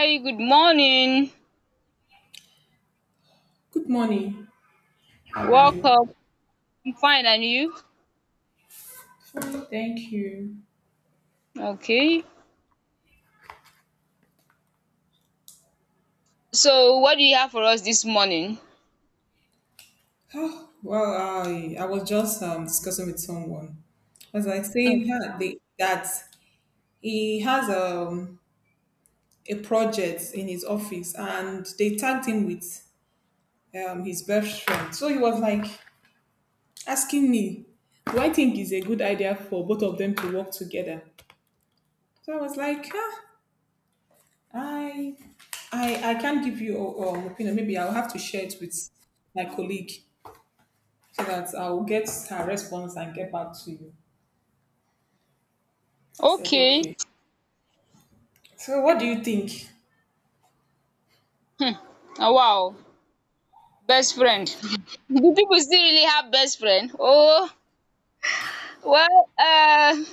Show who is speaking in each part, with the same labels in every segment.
Speaker 1: Hi, good morning.
Speaker 2: Good morning. How are
Speaker 1: Welcome.
Speaker 2: you?
Speaker 1: I'm fine, and you?
Speaker 2: Fine, thank you.
Speaker 1: Okay. So, what do you have for us this morning?
Speaker 2: Oh, well, I was just discussing with someone. As I was like saying that he has a project in his office and they tagged him with his best friend. So he was like asking me, do I think it's a good idea for both of them to work together? So I was like, ah, I, I can't give you an opinion. Maybe I'll have to share it with my colleague, so that I'll get her response and get back to you. I said,
Speaker 1: Okay.
Speaker 2: okay. So what do you think?
Speaker 1: Ah, wow. Best friend. Do people still really have best friend? Oh, well,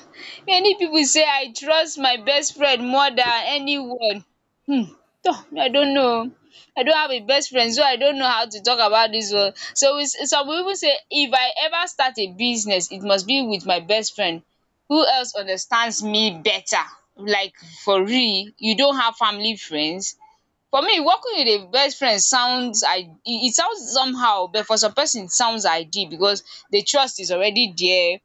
Speaker 1: many pipu say I trust my best friend more than anyone. Tor me I don't know oo, I don't have a best friend so I don't know how to talk about dis one. So we some pipu say if I ever start a business it must be with my best friend who else understands me better. Like for real you don't have family friends? For me working with a best friend sounds I e e sounds somehow but for some person it sounds ideal because the trust is already there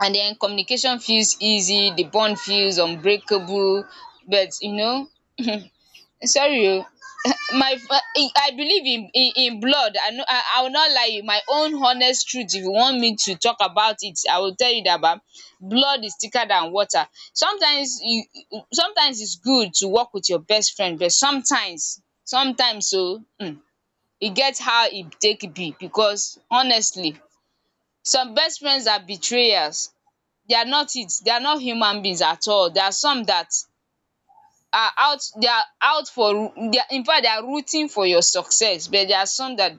Speaker 1: and then communication feels easy, the bond feels unbreakable. But you know, sorry oh, I believe in blood. I will not lie you, my own honest truth if you want me to talk about it, I will tell you that ba blood is thicker than water. Sometimes you sometimes it's good to work with your best friend, but sometimes e get how e take be, because honestly some best friends are betrayers. They are not human beings at all. There are some that are out they are out for, they are, in fact, they are rooting for your success, but there are some that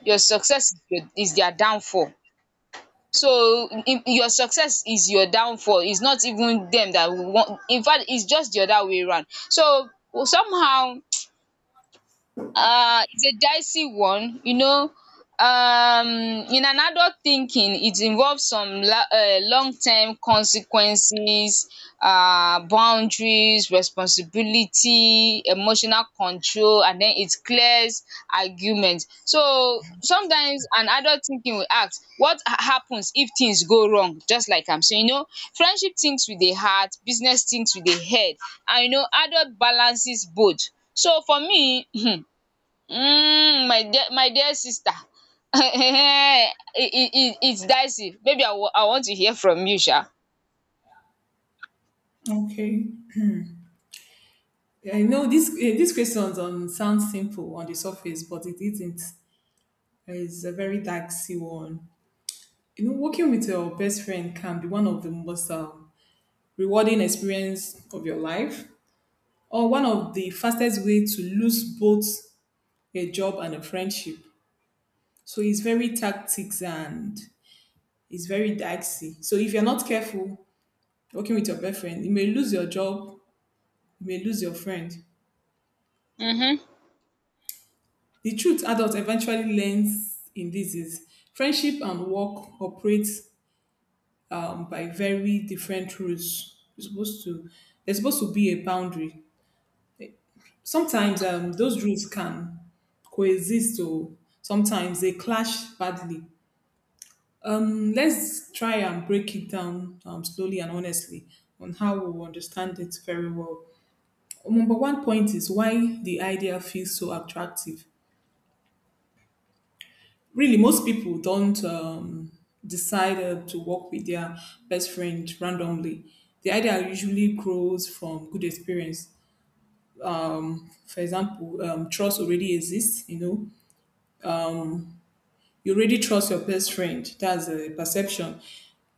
Speaker 1: your success is your is their downfall. So in your success is your downfall, it's not even them that want, in fact it's just the other way around. So somehow it's a dicey one, you know. In an adult thinking, it involves some long-term consequences, boundaries, responsibility, emotional control, and then it clears arguments. So sometimes an adult thinking will ask happens if things go wrong, just like I'm saying, you know. Friendship thinks with the heart, business thinks with the head, and you know, adult balances both. So for me, mm, my dear, my dear sister, it's dicey. Maybe I want to hear from you, Sha.
Speaker 2: Okay. I know this, these questions sound simple on the surface, but it isn't. It's a very dicey one. You know, working with your best friend can be one of the most rewarding experience of your life, or one of the fastest way to lose both a job and a friendship. So it's very tactics and it's very dicey. So if you're not careful, working with your boyfriend, you may lose your job, you may lose your friend.
Speaker 1: Mm-hmm.
Speaker 2: The truth adult eventually learns in this is friendship and work operate by very different rules. You're supposed to There's supposed to be a boundary. Sometimes those rules can coexist, or sometimes they clash badly. Let's try and break it down slowly and honestly on how we will understand it very well. Number one point is why the idea feels so attractive. Really, most people don't decide to work with their best friend randomly. The idea usually grows from good experience. For example, trust already exists. You know, you already trust your best friend. That's a perception.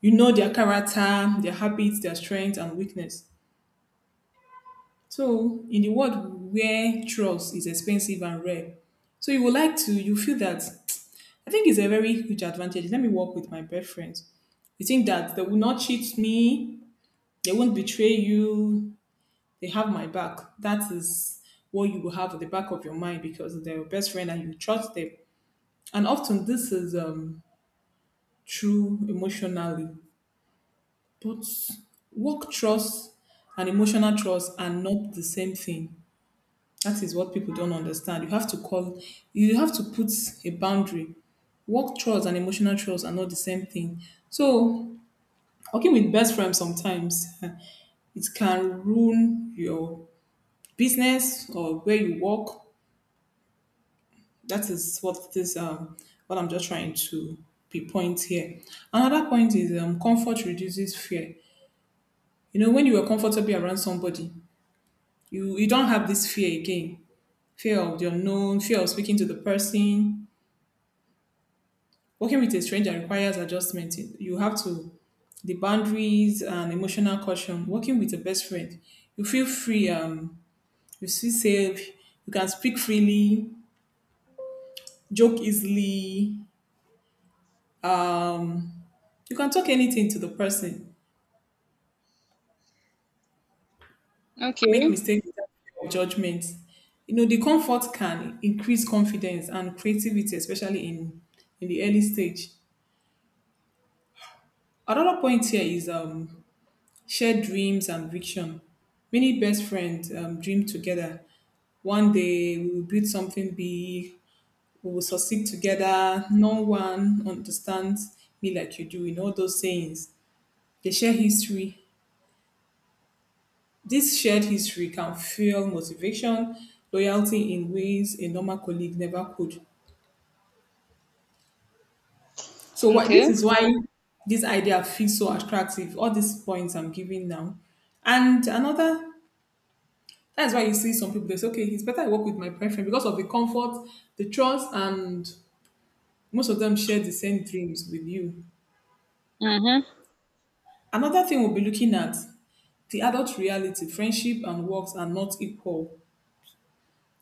Speaker 2: You know their character, their habits, their strengths and weakness. So in the world where trust is expensive and rare, so you would like to you feel that I think it's a very huge advantage. Let me work with my best friends. You think that they will not cheat me, they won't betray you, they have my back. That is what you will have at the back of your mind, because they're your best friend and you trust them. And often this is true emotionally. But work trust and emotional trust are not the same thing. That is what people don't understand. You have to put a boundary. Work trust and emotional trust are not the same thing. So working with best friends sometimes it can ruin your business or where you work. That is what this what I'm just trying to be point here. Another point is comfort reduces fear. You know, when you are comfortable around somebody, you don't have this fear again. Fear of the unknown, fear of speaking to the person. Working with a stranger requires adjustment. You have to The boundaries and emotional caution. Working with a best friend, you feel free. You still save. You can speak freely, joke easily. You can talk anything to the person, make
Speaker 1: Okay.
Speaker 2: mistakes without fear of judgment. You know, the comfort can increase confidence and creativity, especially in the early stage. Another point here is shared dreams and vision. Many best friends dream together. One day we will build something big, we will succeed together, no one understands me like you do, in all those sayings. They share history. This shared history can fuel motivation, loyalty in ways a normal colleague never could. So
Speaker 1: Okay.
Speaker 2: why this idea feels so attractive. All these points I'm giving now, and another, that's why you see some people they say, okay, it's better I work with my boyfriend because of the comfort, the trust, and most of them share the same dreams with you.
Speaker 1: Mm-hmm.
Speaker 2: Another thing we'll be looking at, the adult reality, friendship and works are not equal.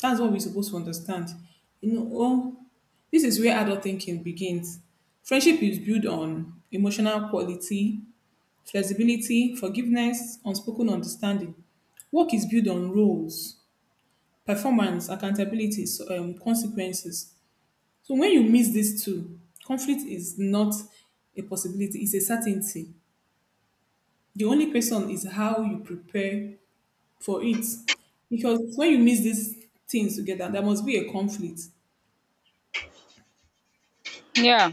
Speaker 2: That's what we're supposed to understand. You know, oh, this is where adult thinking begins. Friendship is built on emotional quality, flexibility, forgiveness, unspoken understanding. Work is built on roles, performance, accountability, so, consequences. So when you miss these two, conflict is not a possibility, it's a certainty. The only person is how you prepare for it. Because when you miss these things together, there must be a conflict.
Speaker 1: Yeah.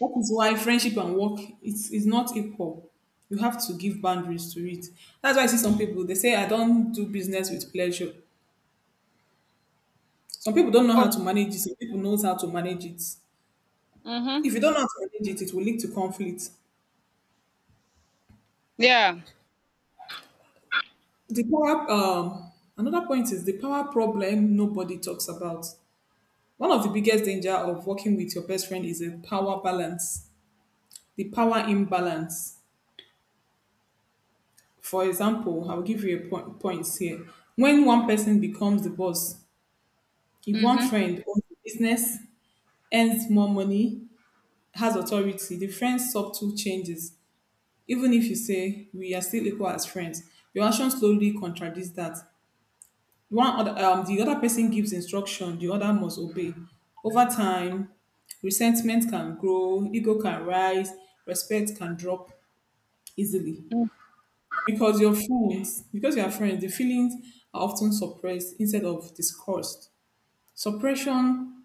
Speaker 2: That is why friendship and work it's is not equal. You have to give boundaries to it. That's why I see some people they say I don't do business with pleasure. Some people don't know how
Speaker 1: Oh.
Speaker 2: to manage it. Some people knows how to manage it.
Speaker 1: Mm-hmm.
Speaker 2: If you don't know how to manage it, it will lead to conflict.
Speaker 1: Yeah.
Speaker 2: The power Another point is the power problem nobody talks about. One of the biggest danger of working with your best friend is a power balance, the power imbalance. For example, I'll give you a point points here. When one person becomes the boss, if one
Speaker 1: Mm-hmm.
Speaker 2: friend owns a business, earns more money, has authority, the friend's subtle changes. Even if you say we are still equal as friends, your action slowly contradicts that. The other person gives instruction, the other must obey. Over time, resentment can grow, ego can rise, respect can drop easily.
Speaker 1: Mm.
Speaker 2: Because your friends, because you are friends, the feelings are often suppressed instead of discussed. Suppression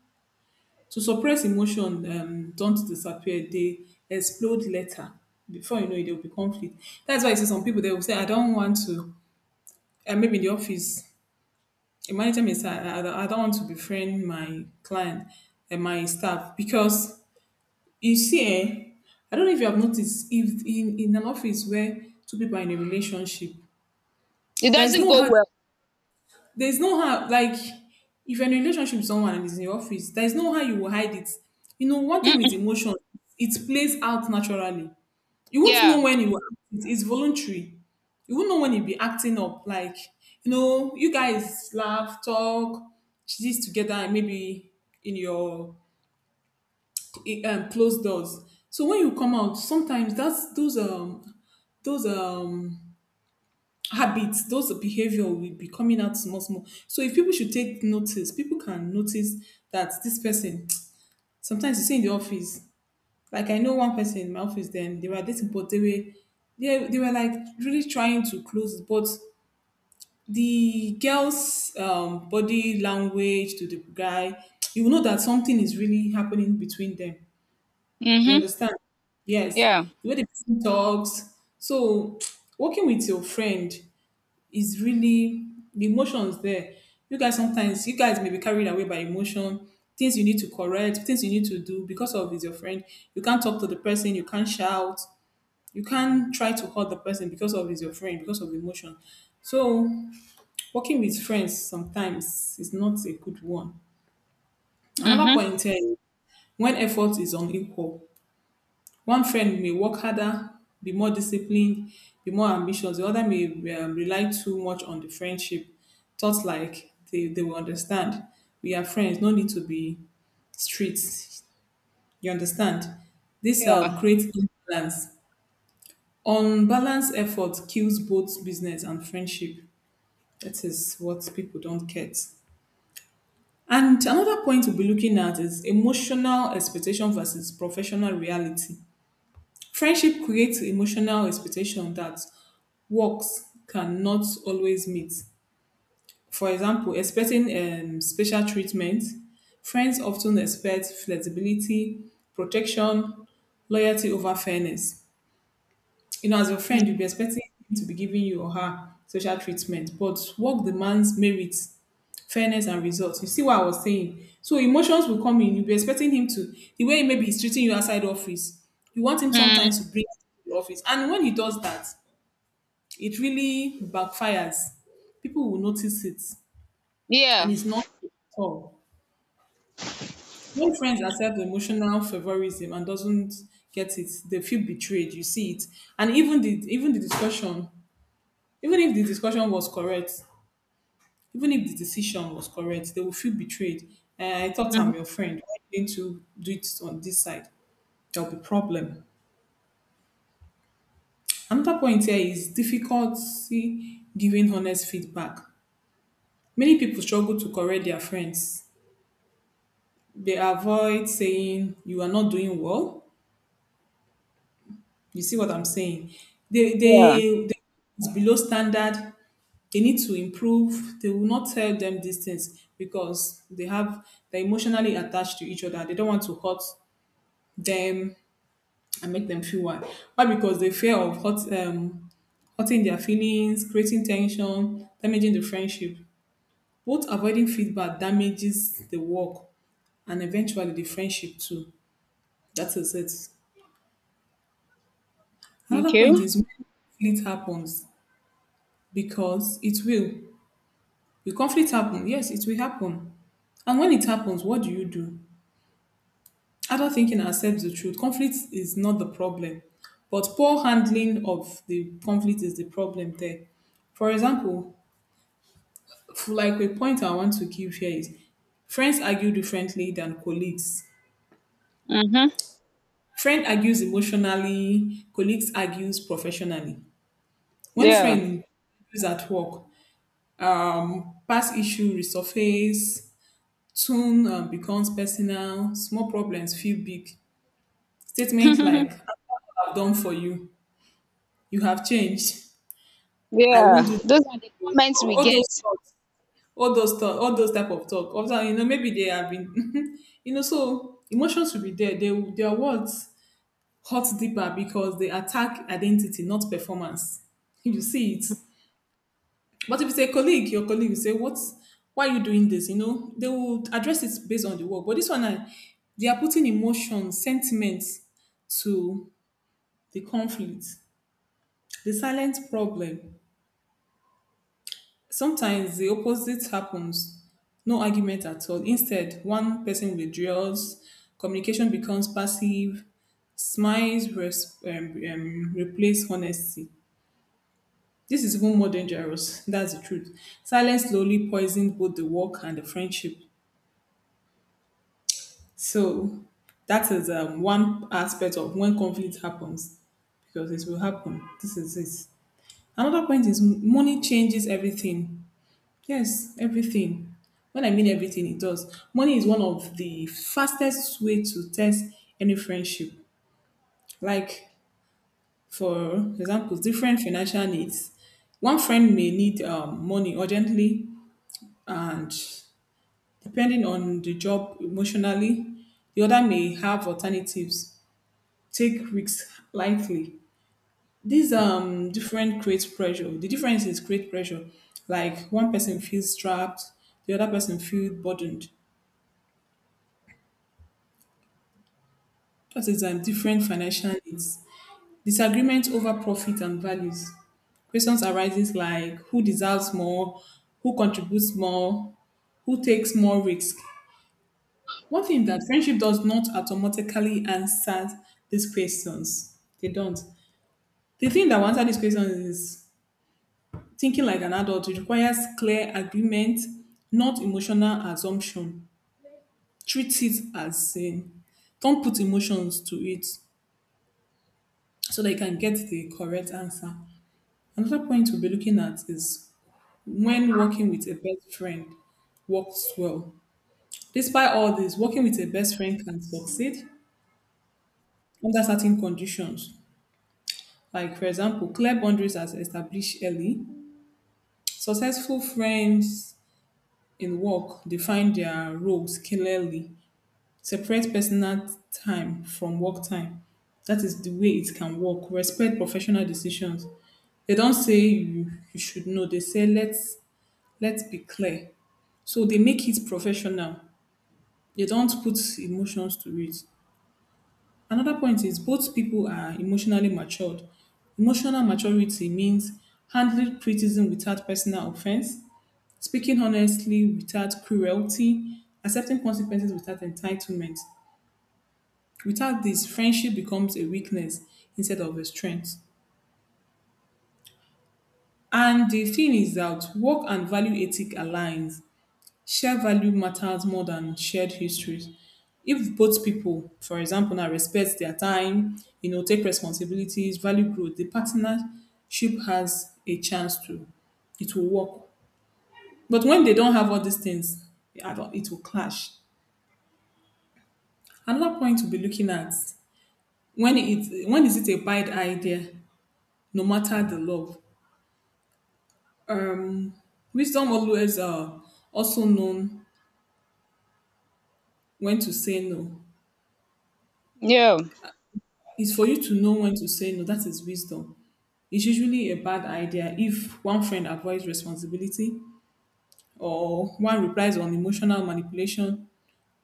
Speaker 2: To suppress emotion don't disappear, they explode later. Before you know it, there will be conflict. That's why I see some people they will say I don't want to. And maybe in the office a manager may say I don't want to befriend my client and my staff, because you see, eh, I don't know if you have noticed, if in an office where two people are in a relationship,
Speaker 1: It
Speaker 2: there is
Speaker 1: doesn't
Speaker 2: no
Speaker 1: go
Speaker 2: hard
Speaker 1: well.
Speaker 2: there's no how, like, if you're in a relationship with someone and it's in your office, there's no how you will hide it. You know, one thing with
Speaker 1: Mm-mm.
Speaker 2: emotion, it plays out naturally. You won't know
Speaker 1: Yeah.
Speaker 2: when you will act It's voluntary. You won't know when you'll be acting up. Like, you know, you guys laugh, talk, this together, and maybe in your closed doors. So when you come out, sometimes that's those habits, those behavior will be coming out small, small. So if people should take notice, people can notice that this person, sometimes you see in the office, like I know one person in my office, then they were dating, but they were like really trying to close, but the girl's body language to the guy, you will know that something is really happening between them. You
Speaker 1: Mm-hmm.
Speaker 2: understand? Yes.
Speaker 1: Yeah.
Speaker 2: The way the person talks. So working with your friend is really the emotions there. You guys may be carried away by emotion, things you need to correct, things you need to do because of is your friend. You can't talk to the person, you can't shout, you can't try to hurt the person because of is your friend, because of emotion. So working with friends sometimes is not a good one. Another
Speaker 1: Mm-hmm.
Speaker 2: point is when effort is unequal. One friend may work harder, be more disciplined, be more ambitious. The other may rely too much on the friendship, thoughts like they will understand. We are friends, no need to be strict. You understand? This
Speaker 1: Yeah.
Speaker 2: creates imbalance. Unbalanced effort kills both business and friendship. That is what people don't get. And another point we'll be looking at is emotional expectation versus professional reality. Friendship creates emotional expectation that works cannot always meet. For example, expecting special treatment, friends often expect flexibility, protection, loyalty over fairness. You know, as your friend, you'd
Speaker 1: Mm-hmm.
Speaker 2: be expecting him to be giving you or her social treatment, but work demands merit, fairness, and results. You see what I was saying? So emotions will come in. You'll be expecting him to, the way maybe he's treating you outside office, you want him sometimes to bring you to the office. And when he does that, it really backfires. People will notice it, and
Speaker 1: Yeah.
Speaker 2: it's not good at all. When friends accept emotional favorism and doesn't get it, they feel betrayed. You see it, and even the discussion, even if the discussion was correct, even if the decision was correct, they will feel betrayed. Eh, I thought
Speaker 1: Mm-hmm.
Speaker 2: I'm your friend, why didn't you do it on this side? There'll be problem. Another point here is difficulty giving honest feedback. Many people struggle to correct their friends. They avoid saying you are not doing well. You see what I'm saying? they
Speaker 1: Yeah.
Speaker 2: they, they it's below standard, they need to improve. They will not tell them these things because they're emotionally attached to each other. They don't want to hurt them and make them feel why. Why? Because they fear of hurting their feelings, creating tension, damaging the friendship. Both avoiding feedback damages the work and eventually the friendship too. That is it. Another
Speaker 1: Okay.
Speaker 2: point is when conflict happens because it will. Will conflict happen? Yes, it will happen. And when it happens, what do you do? Adult thinking accepts the truth. Conflict is not the problem, but poor handling of the conflict is the problem there. For example, like a point I want to give here is friends argue differently than colleagues.
Speaker 1: Mm-hmm.
Speaker 2: Friend argues emotionally, colleagues argues professionally. When
Speaker 1: Yeah.
Speaker 2: friend is at work, past issue resurface, tune becomes personal, small problems feel big. Statements
Speaker 1: Yeah.
Speaker 2: like "I've done for you," "You have changed," I won't do
Speaker 1: Those are the
Speaker 2: this.
Speaker 1: comments we
Speaker 2: All those
Speaker 1: get.
Speaker 2: thoughts, all those thoughts, all those type of talk. Also, you know, maybe they have been, you know, so emotions will be there. They their words hurt deeper because they attack identity, not performance. You see it. But if it's a colleague, your colleague will say, "What? Why are you doing this?" You know, they will address it based on the work. But this one, they are putting emotions, sentiments to the conflict, the silent problem. Sometimes the opposite happens, no argument at all. Instead, one person withdraws, communication becomes passive, smiles replace honesty. This is even more dangerous. That's the truth. Silence slowly poisons both the work and the friendship. So, that is one aspect of when conflict happens because it will happen. This is it. Another point is money changes everything. Yes, everything. When I mean everything, it does. Money is one of the fastest way to test any friendship. Like, for example, different financial needs. One friend may need money urgently, and depending on the job emotionally, the other may have alternatives, take risks lightly. These different creates pressure. The difference is create pressure. Like one person feels trapped, the other person feels burdened. Choices and different financial needs, disagreement over profit and values. Questions arises like who deserves more, who contributes more, who takes more risk. One thing that friendship does not automatically answer these questions. They don't. The thing that will answer these questions is thinking like an adult. It requires clear agreement, not emotional assumption. Treat it as in. Don't put emotions to it so that you can get the correct answer. Another point we'll be looking at is when working with a best friend works well. Despite all this, working with a best friend can succeed under certain conditions. Like, for example, clear boundaries are established early. Successful friends in work define their roles clearly, separate personal time from work time. That is the way it can work. Respect professional decisions. They don't say you should know, they say let's be clear. So they make it professional. They don't put emotions to it. Another point is both people are emotionally matured. Emotional maturity means handling criticism without personal offense, speaking honestly without cruelty, accepting consequences without entitlement. Without this, friendship becomes a weakness instead of a strength. And the thing is that work and value ethic aligns. Shared value matters more than shared histories. If both people, for example, now respect their time, you know, take responsibilities, value growth, the partnership has a chance to. It will work. But when they don't have all these things, I don't- it will clash. Another point to be looking at, when is it a bad idea, no matter the love. Um, Wisdom always, also known when to say no.
Speaker 1: Yeah.
Speaker 2: It's for you to know when to say no. That is wisdom. It's usually a bad idea if one friend avoids responsibility or one replies on emotional manipulation.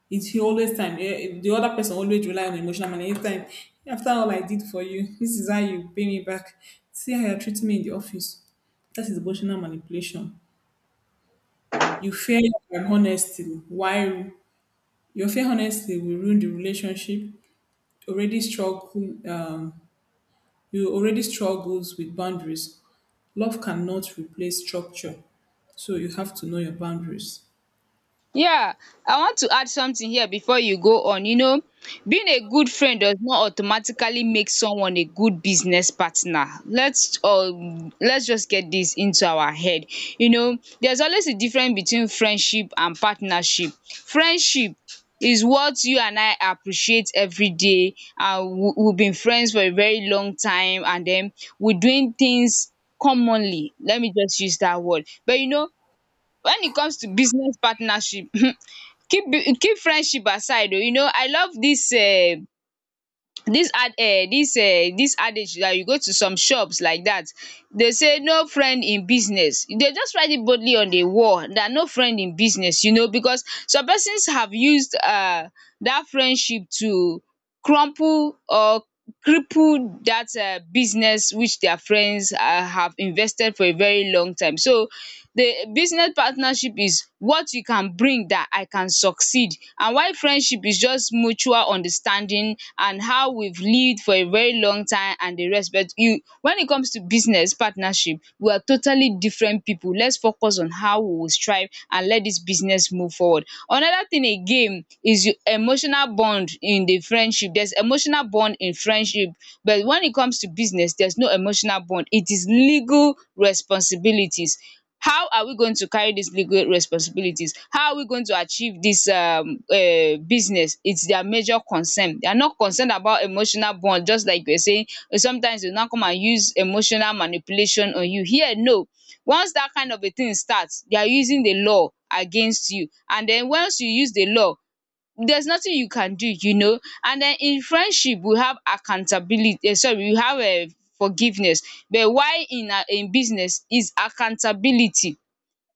Speaker 2: It's always time. The other person always rely on emotional manipulation. Anytime, after all I did for you, this is how you pay me back. See how you're treating me in the office. That is emotional manipulation. You fear your honesty. Why? Your fear honesty will ruin the relationship. Already struggle You already struggles with boundaries. Love cannot replace structure. So you have to know your boundaries.
Speaker 1: Yeah, I want to add something here before you go on. You know, being a good friend does not automatically make someone a good business partner. Let's just get this into our head. You know, there's always a difference between friendship and partnership. Friendship is what you and I appreciate every day, and we've been friends for a very long time, and then we're doing things commonly. Let me just use that word. But you know, when it comes to business partnership, keep keep friendship aside o. You know, I love dis dis dis adage dat you go to some shops like dat, dey say no friend in business. Dey just write it boldly on the wall dat no friend in business, you know, because some persons have used dat friendship to crumple or cripple that business which their friends have invested for a very long time. So the business partnership is what you can bring that I can succeed, and why friendship is just mutual understanding and how we've lived for a very long time and the rest. But you, when it comes to business partnership, we are totally different people. Let's focus on how we will strive and let this business move forward. Another thing again is your emotional bond in the friendship. There's emotional bond in friendship, but when it comes to business, there's no emotional bond, it is legal responsibilities. How are we going to carry these legal responsibilities, how are we going to achieve this business? It's their major concern. They are not concerned about emotional bond. Just like we're saying, eh, sometimes they now come and use emotional manipulation on you here. No, once that kind of a thing starts, they are using the law against you, and then once you use the law, there's nothing you can do, you know. And den in friendship we have accountability sorry we have forgiveness, but while in business is accountability.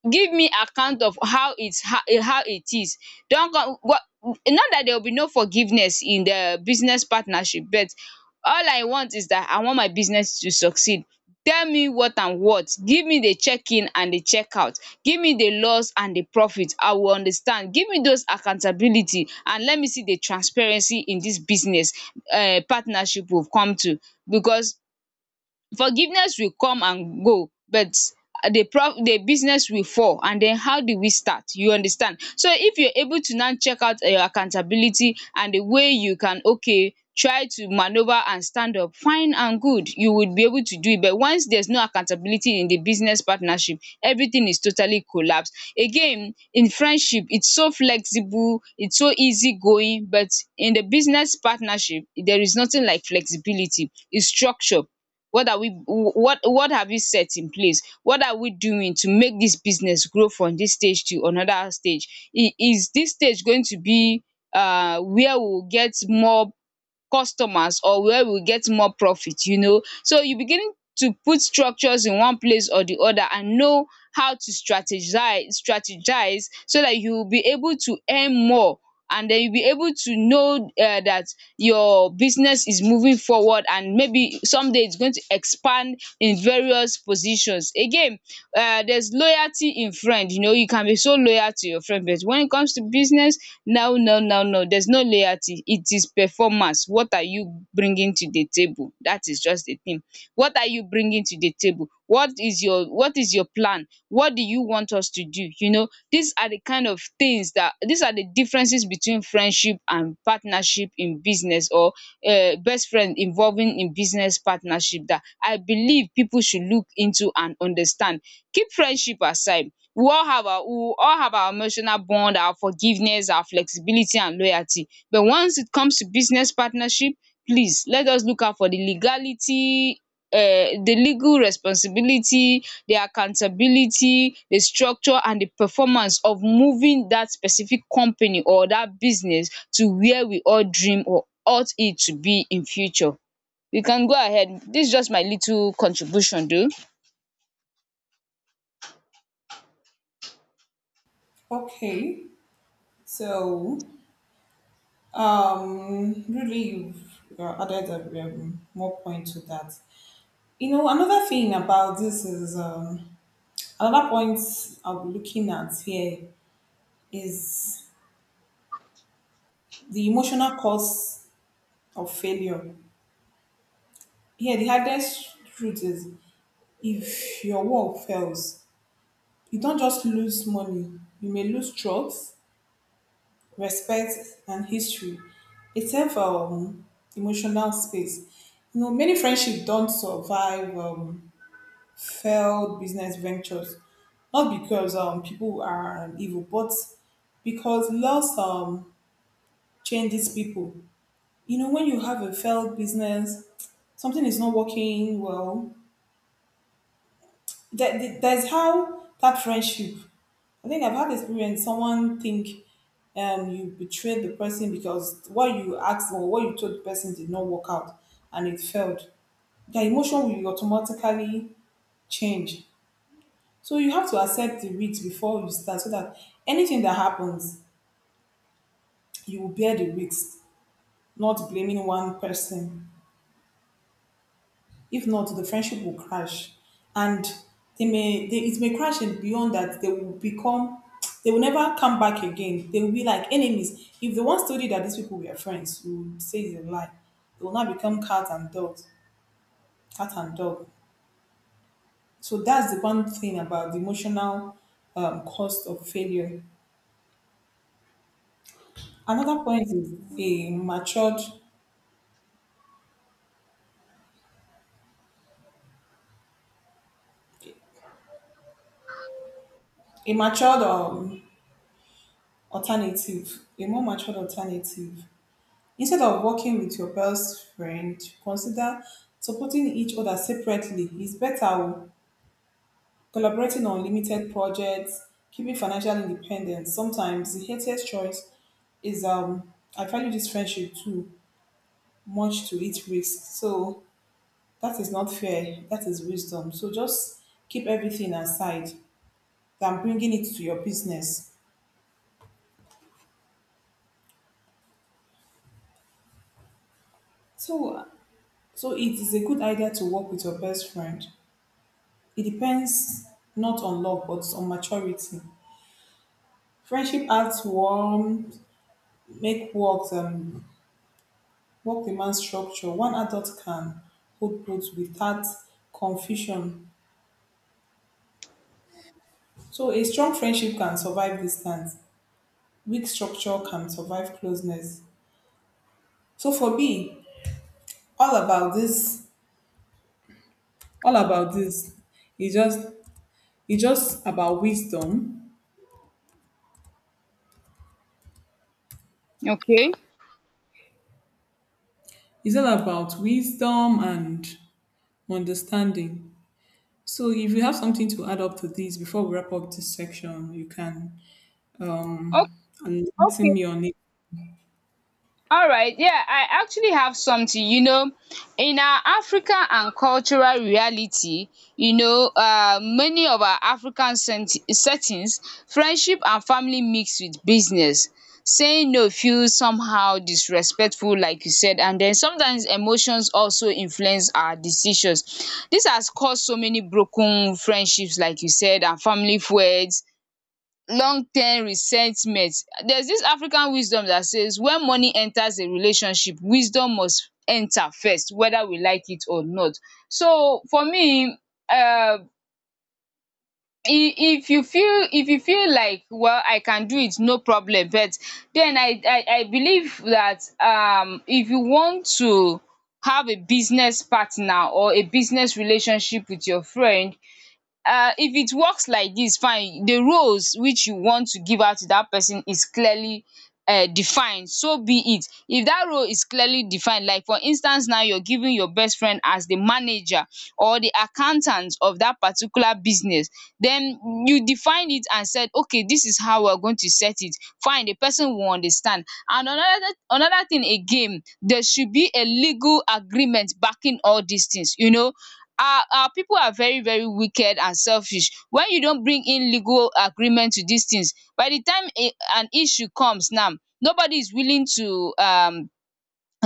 Speaker 1: Give me account of how it's how, how it is. Don't come what Not that there will be no forgiveness in the business partnership, but all I want is that I want my business to succeed. Tell me what and what, give me the check in and the check out, give me the loss and the profit, I will understand. Give me those accountability and let me see the transparency in this business partnership we've come to. Because forgiveness will come and go, but the business will fall, and then how do we start, you understand. So if you're able to now check out your accountability and the way you can, okay, try to manoeuvre and stand up, fine and good, you would be able to do it. But once there's no accountability in the business partnership, everything is totally collapsed. Again in friendship, it's so flexible, it's so easy going, but in the business partnership there is nothing like flexibility, it's structure. What are we, what have you set in place? What are we doing to make this business grow from this stage to another stage? Is this stage going to be where we will get more customers, or where we get more profit? You know, so you begin to put structures in one place or the other, and know how to strategize, so that you will be able to earn more, and then you'll be able to know that your business is moving forward, and maybe someday it's going to expand in various positions again. There's loyalty in friend, you know, you can be so loyal to your friend, but when it comes to business, no, no, no, no, there's no loyalty, it is performance. What are you bringing to the table? That is just the thing. What are you bringing to the table? What is your, what is your plan? What do you want us to do? You know, these are the kind of things, that these are the differences between friendship and partnership in business, or best friend involving in business partnership, that I believe people should look into and understand. Keep friendship aside. We all have our we all have our emotional bond, our forgiveness, our flexibility, and loyalty, but once it comes to business partnership, please let us look out for the legality, the legal responsibility, the accountability, the structure, and the performance of moving that specific company or that business to where we all dream or ought it to be in future. You can go ahead, this is just my little contribution though.
Speaker 2: Okay, so really, you've added a more point to that. You know, another thing about this is another point I'll be looking at here is the emotional cost of failure. Here, the hardest truth is if your work fails, you don't just lose money, you may lose trust, respect, and history. It's have emotional space. You know, many friendships don't survive failed business ventures, not because people are evil, but because loss changes people. You know, when you have a failed business, something is not working well, that's how that friendship. I think I've had experience. Someone think you betrayed the person because what you asked or what you told the person did not work out and it failed. The emotion will automatically change. So you have to accept the risk before you start, so that anything that happens, you will bear the risk, not blaming one person. If not, the friendship will crash, and it may crash and beyond that they will become they will never come back again. They will be like enemies. If the one told you that these people were friends, you will say it's a lie. They will now become cat and dog, cat and dog. So that's the one thing about the emotional cost of failure. Another point is a matured alternative, a more matured alternative. Instead of working with your best friend, consider supporting each other separately. It's better o, collaborating on limited projects, keeping financial independence. Sometimes the healthiest choice is I value this friendship too much to its risk. So that is not fair. That is wisdom. So just keep everything aside than bringing it to your business. So so it is a good idea to work with your best friend. It depends not on love but on maturity. Friendship acts warm, make work demand structure. One adult can hold both without confusion. So a strong friendship can survive distance. Weak structure can survive closeness. So for me, all about this, all about this, it's just it's just about wisdom.
Speaker 1: Okay.
Speaker 2: It's all about wisdom and understanding. So if you have something to add up to this before we wrap up this section, you can
Speaker 1: O-
Speaker 2: enlighten
Speaker 1: okay.
Speaker 2: me on it.
Speaker 1: All right, yeah, I actually have something. You know, in our African and cultural reality, you know, many of our African settings, friendship and family mix with business. Saying no feels somehow disrespectful, like you said, and then sometimes emotions also influence our decisions. This has caused so many broken friendships, like you said, and family feuds, long term resentment. There's this african wisdom that says, when money enters a relationship, wisdom must enter first, whether we like it or not. So for me, uh if if you feel like, well, I can do it, no problem, but then I believe that if you want to have a business partner or a business relationship with your friend, if it works like this, fine, the roles which you want to give out to that person is clearly defined, so be it. If that role is clearly defined, like for instance now you're giving your best friend as the manager or the accountant of that particular business, then you define it and said, okay, this is how we're going to set it, fine, the person will understand. And another thing again, there should be a legal agreement backing all these things, you know. Our people are very very wicked and selfish. When you don bring in legal agreement to dis things by the time an issue comes now, nobody is willing to um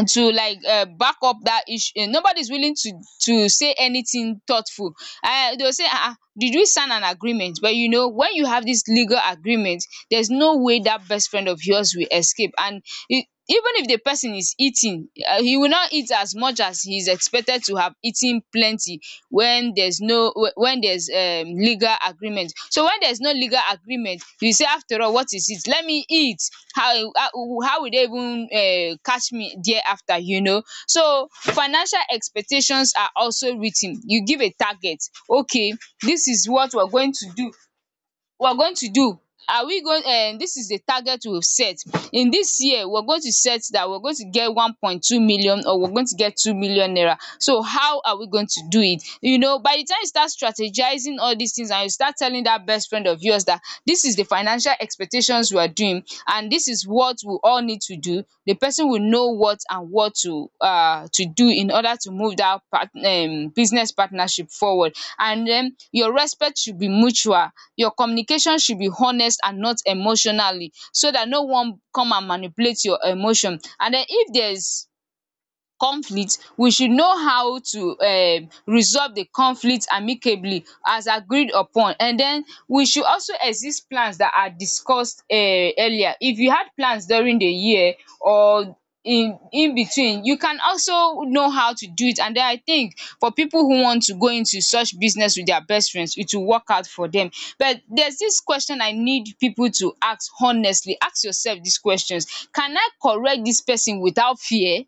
Speaker 1: to like, back up that issue. Nobody's willing to say anything thoughtful. They'll say, ah, ah, did we sign an agreement? But you know, when you have this legal agreement, there's no way that best friend of yours will escape. And even if the person is eating, he will not eat as much as he is expected to have eaten plenty when there's no when there's legal agreement. So when there's no legal agreement, you say, after all what is it, let me eat. How how will they even catch me thereafter. So financial expectations are also written. You give a target. Okay, this is what we're going to do, we're going to do are we going this is the target we've set. In this year we're going to set that we're going to get 1.2 million, or we're going to get 2 million naira. So how are we going to do it. By the time you start strategizing all these things, and you start telling that best friend of yours that this is the financial expectations we are doing, and this is what we all need to do, the person will know what and what to do in order to move that part business partnership forward. And then, your respect should be mutual, your communication should be honest and not emotionally, so that no one come and manipulate your emotion. And then, if there is conflict, we should know how to resolve the conflict amicably as agreed upon. And then we should also exist plans that are discussed earlier. If you had plans during the year or in between, you can also know how to do it. And then I think for people who want to go into such business with their best friends, it will work out for them. But there's this question I need people to ask. Honestly, ask yourself these questions. Can I correct this person without fear?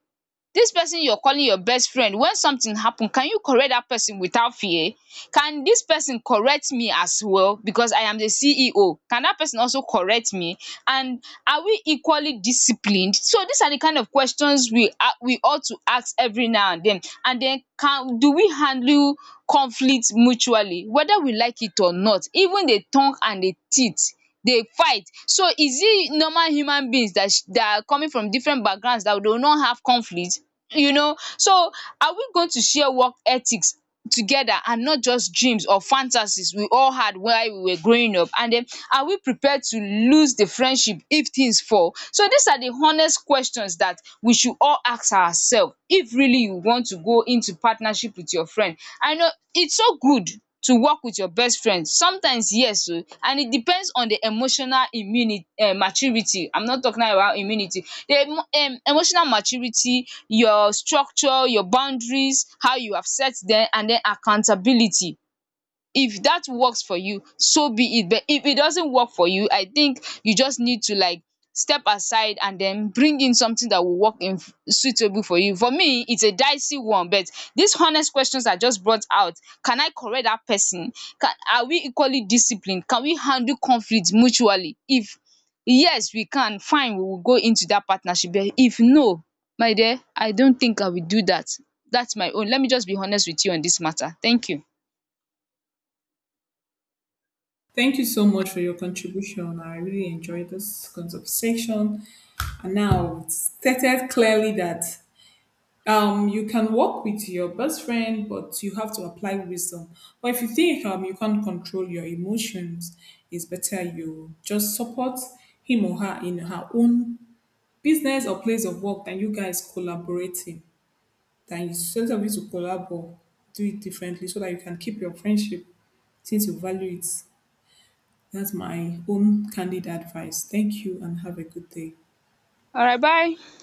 Speaker 1: This person you're calling your best friend, when something happen, can you correct that person without fear? Can this person correct me as well? Because I am the CEO, can that person also correct me? And are we equally disciplined? So these are the kind of questions we ought to ask every now and then. And then, can do we handle conflict mutually? Whether we like it or not, even the tongue and the teeth dey fight. So is it normal human beings that that are coming from different backgrounds that they will not have conflict? So are we going to share work ethics together, and not just dreams or fantasies we all had while we were growing up? And then, are we prepared to lose the friendship if things fall? So these are the honest questions that we should all ask ourselves if really you want to go into partnership with your friend. I know it's so good to work with your best friend sometimes, yes o. And it depends on the emotional immuni maturity. I'm not talking now about immunity, the emotional maturity, your structure, your boundaries, how you have set dem, and den accountability. If that works for you, so be it. But if it doesn't work for you, I think you just need to like step aside and then bring in something that will work in, suitable for you. For me, it's a dicey one, but these honest questions are just brought out. Can I correct that person? Can Are we equally disciplined? Can we handle conflict mutually? If yes, we can, fine, we will go into that partnership. But if no, my dear, I don't think I will do that. That's my own. Let me just be honest with you on this matter. Thank you.
Speaker 2: Thank you so much for your contribution. I really enjoyed this conversation. And now it's stated clearly that you can work with your best friend, but you have to apply wisdom. But if you think you can't control your emotions, it's better you just support him or her in her own business or place of work than you guys collaborating. Than you sort of you to collaborate, do it differently so that you can keep your friendship since you value it. That's my own candid advice. Thank you and have a good day.
Speaker 1: All right, bye.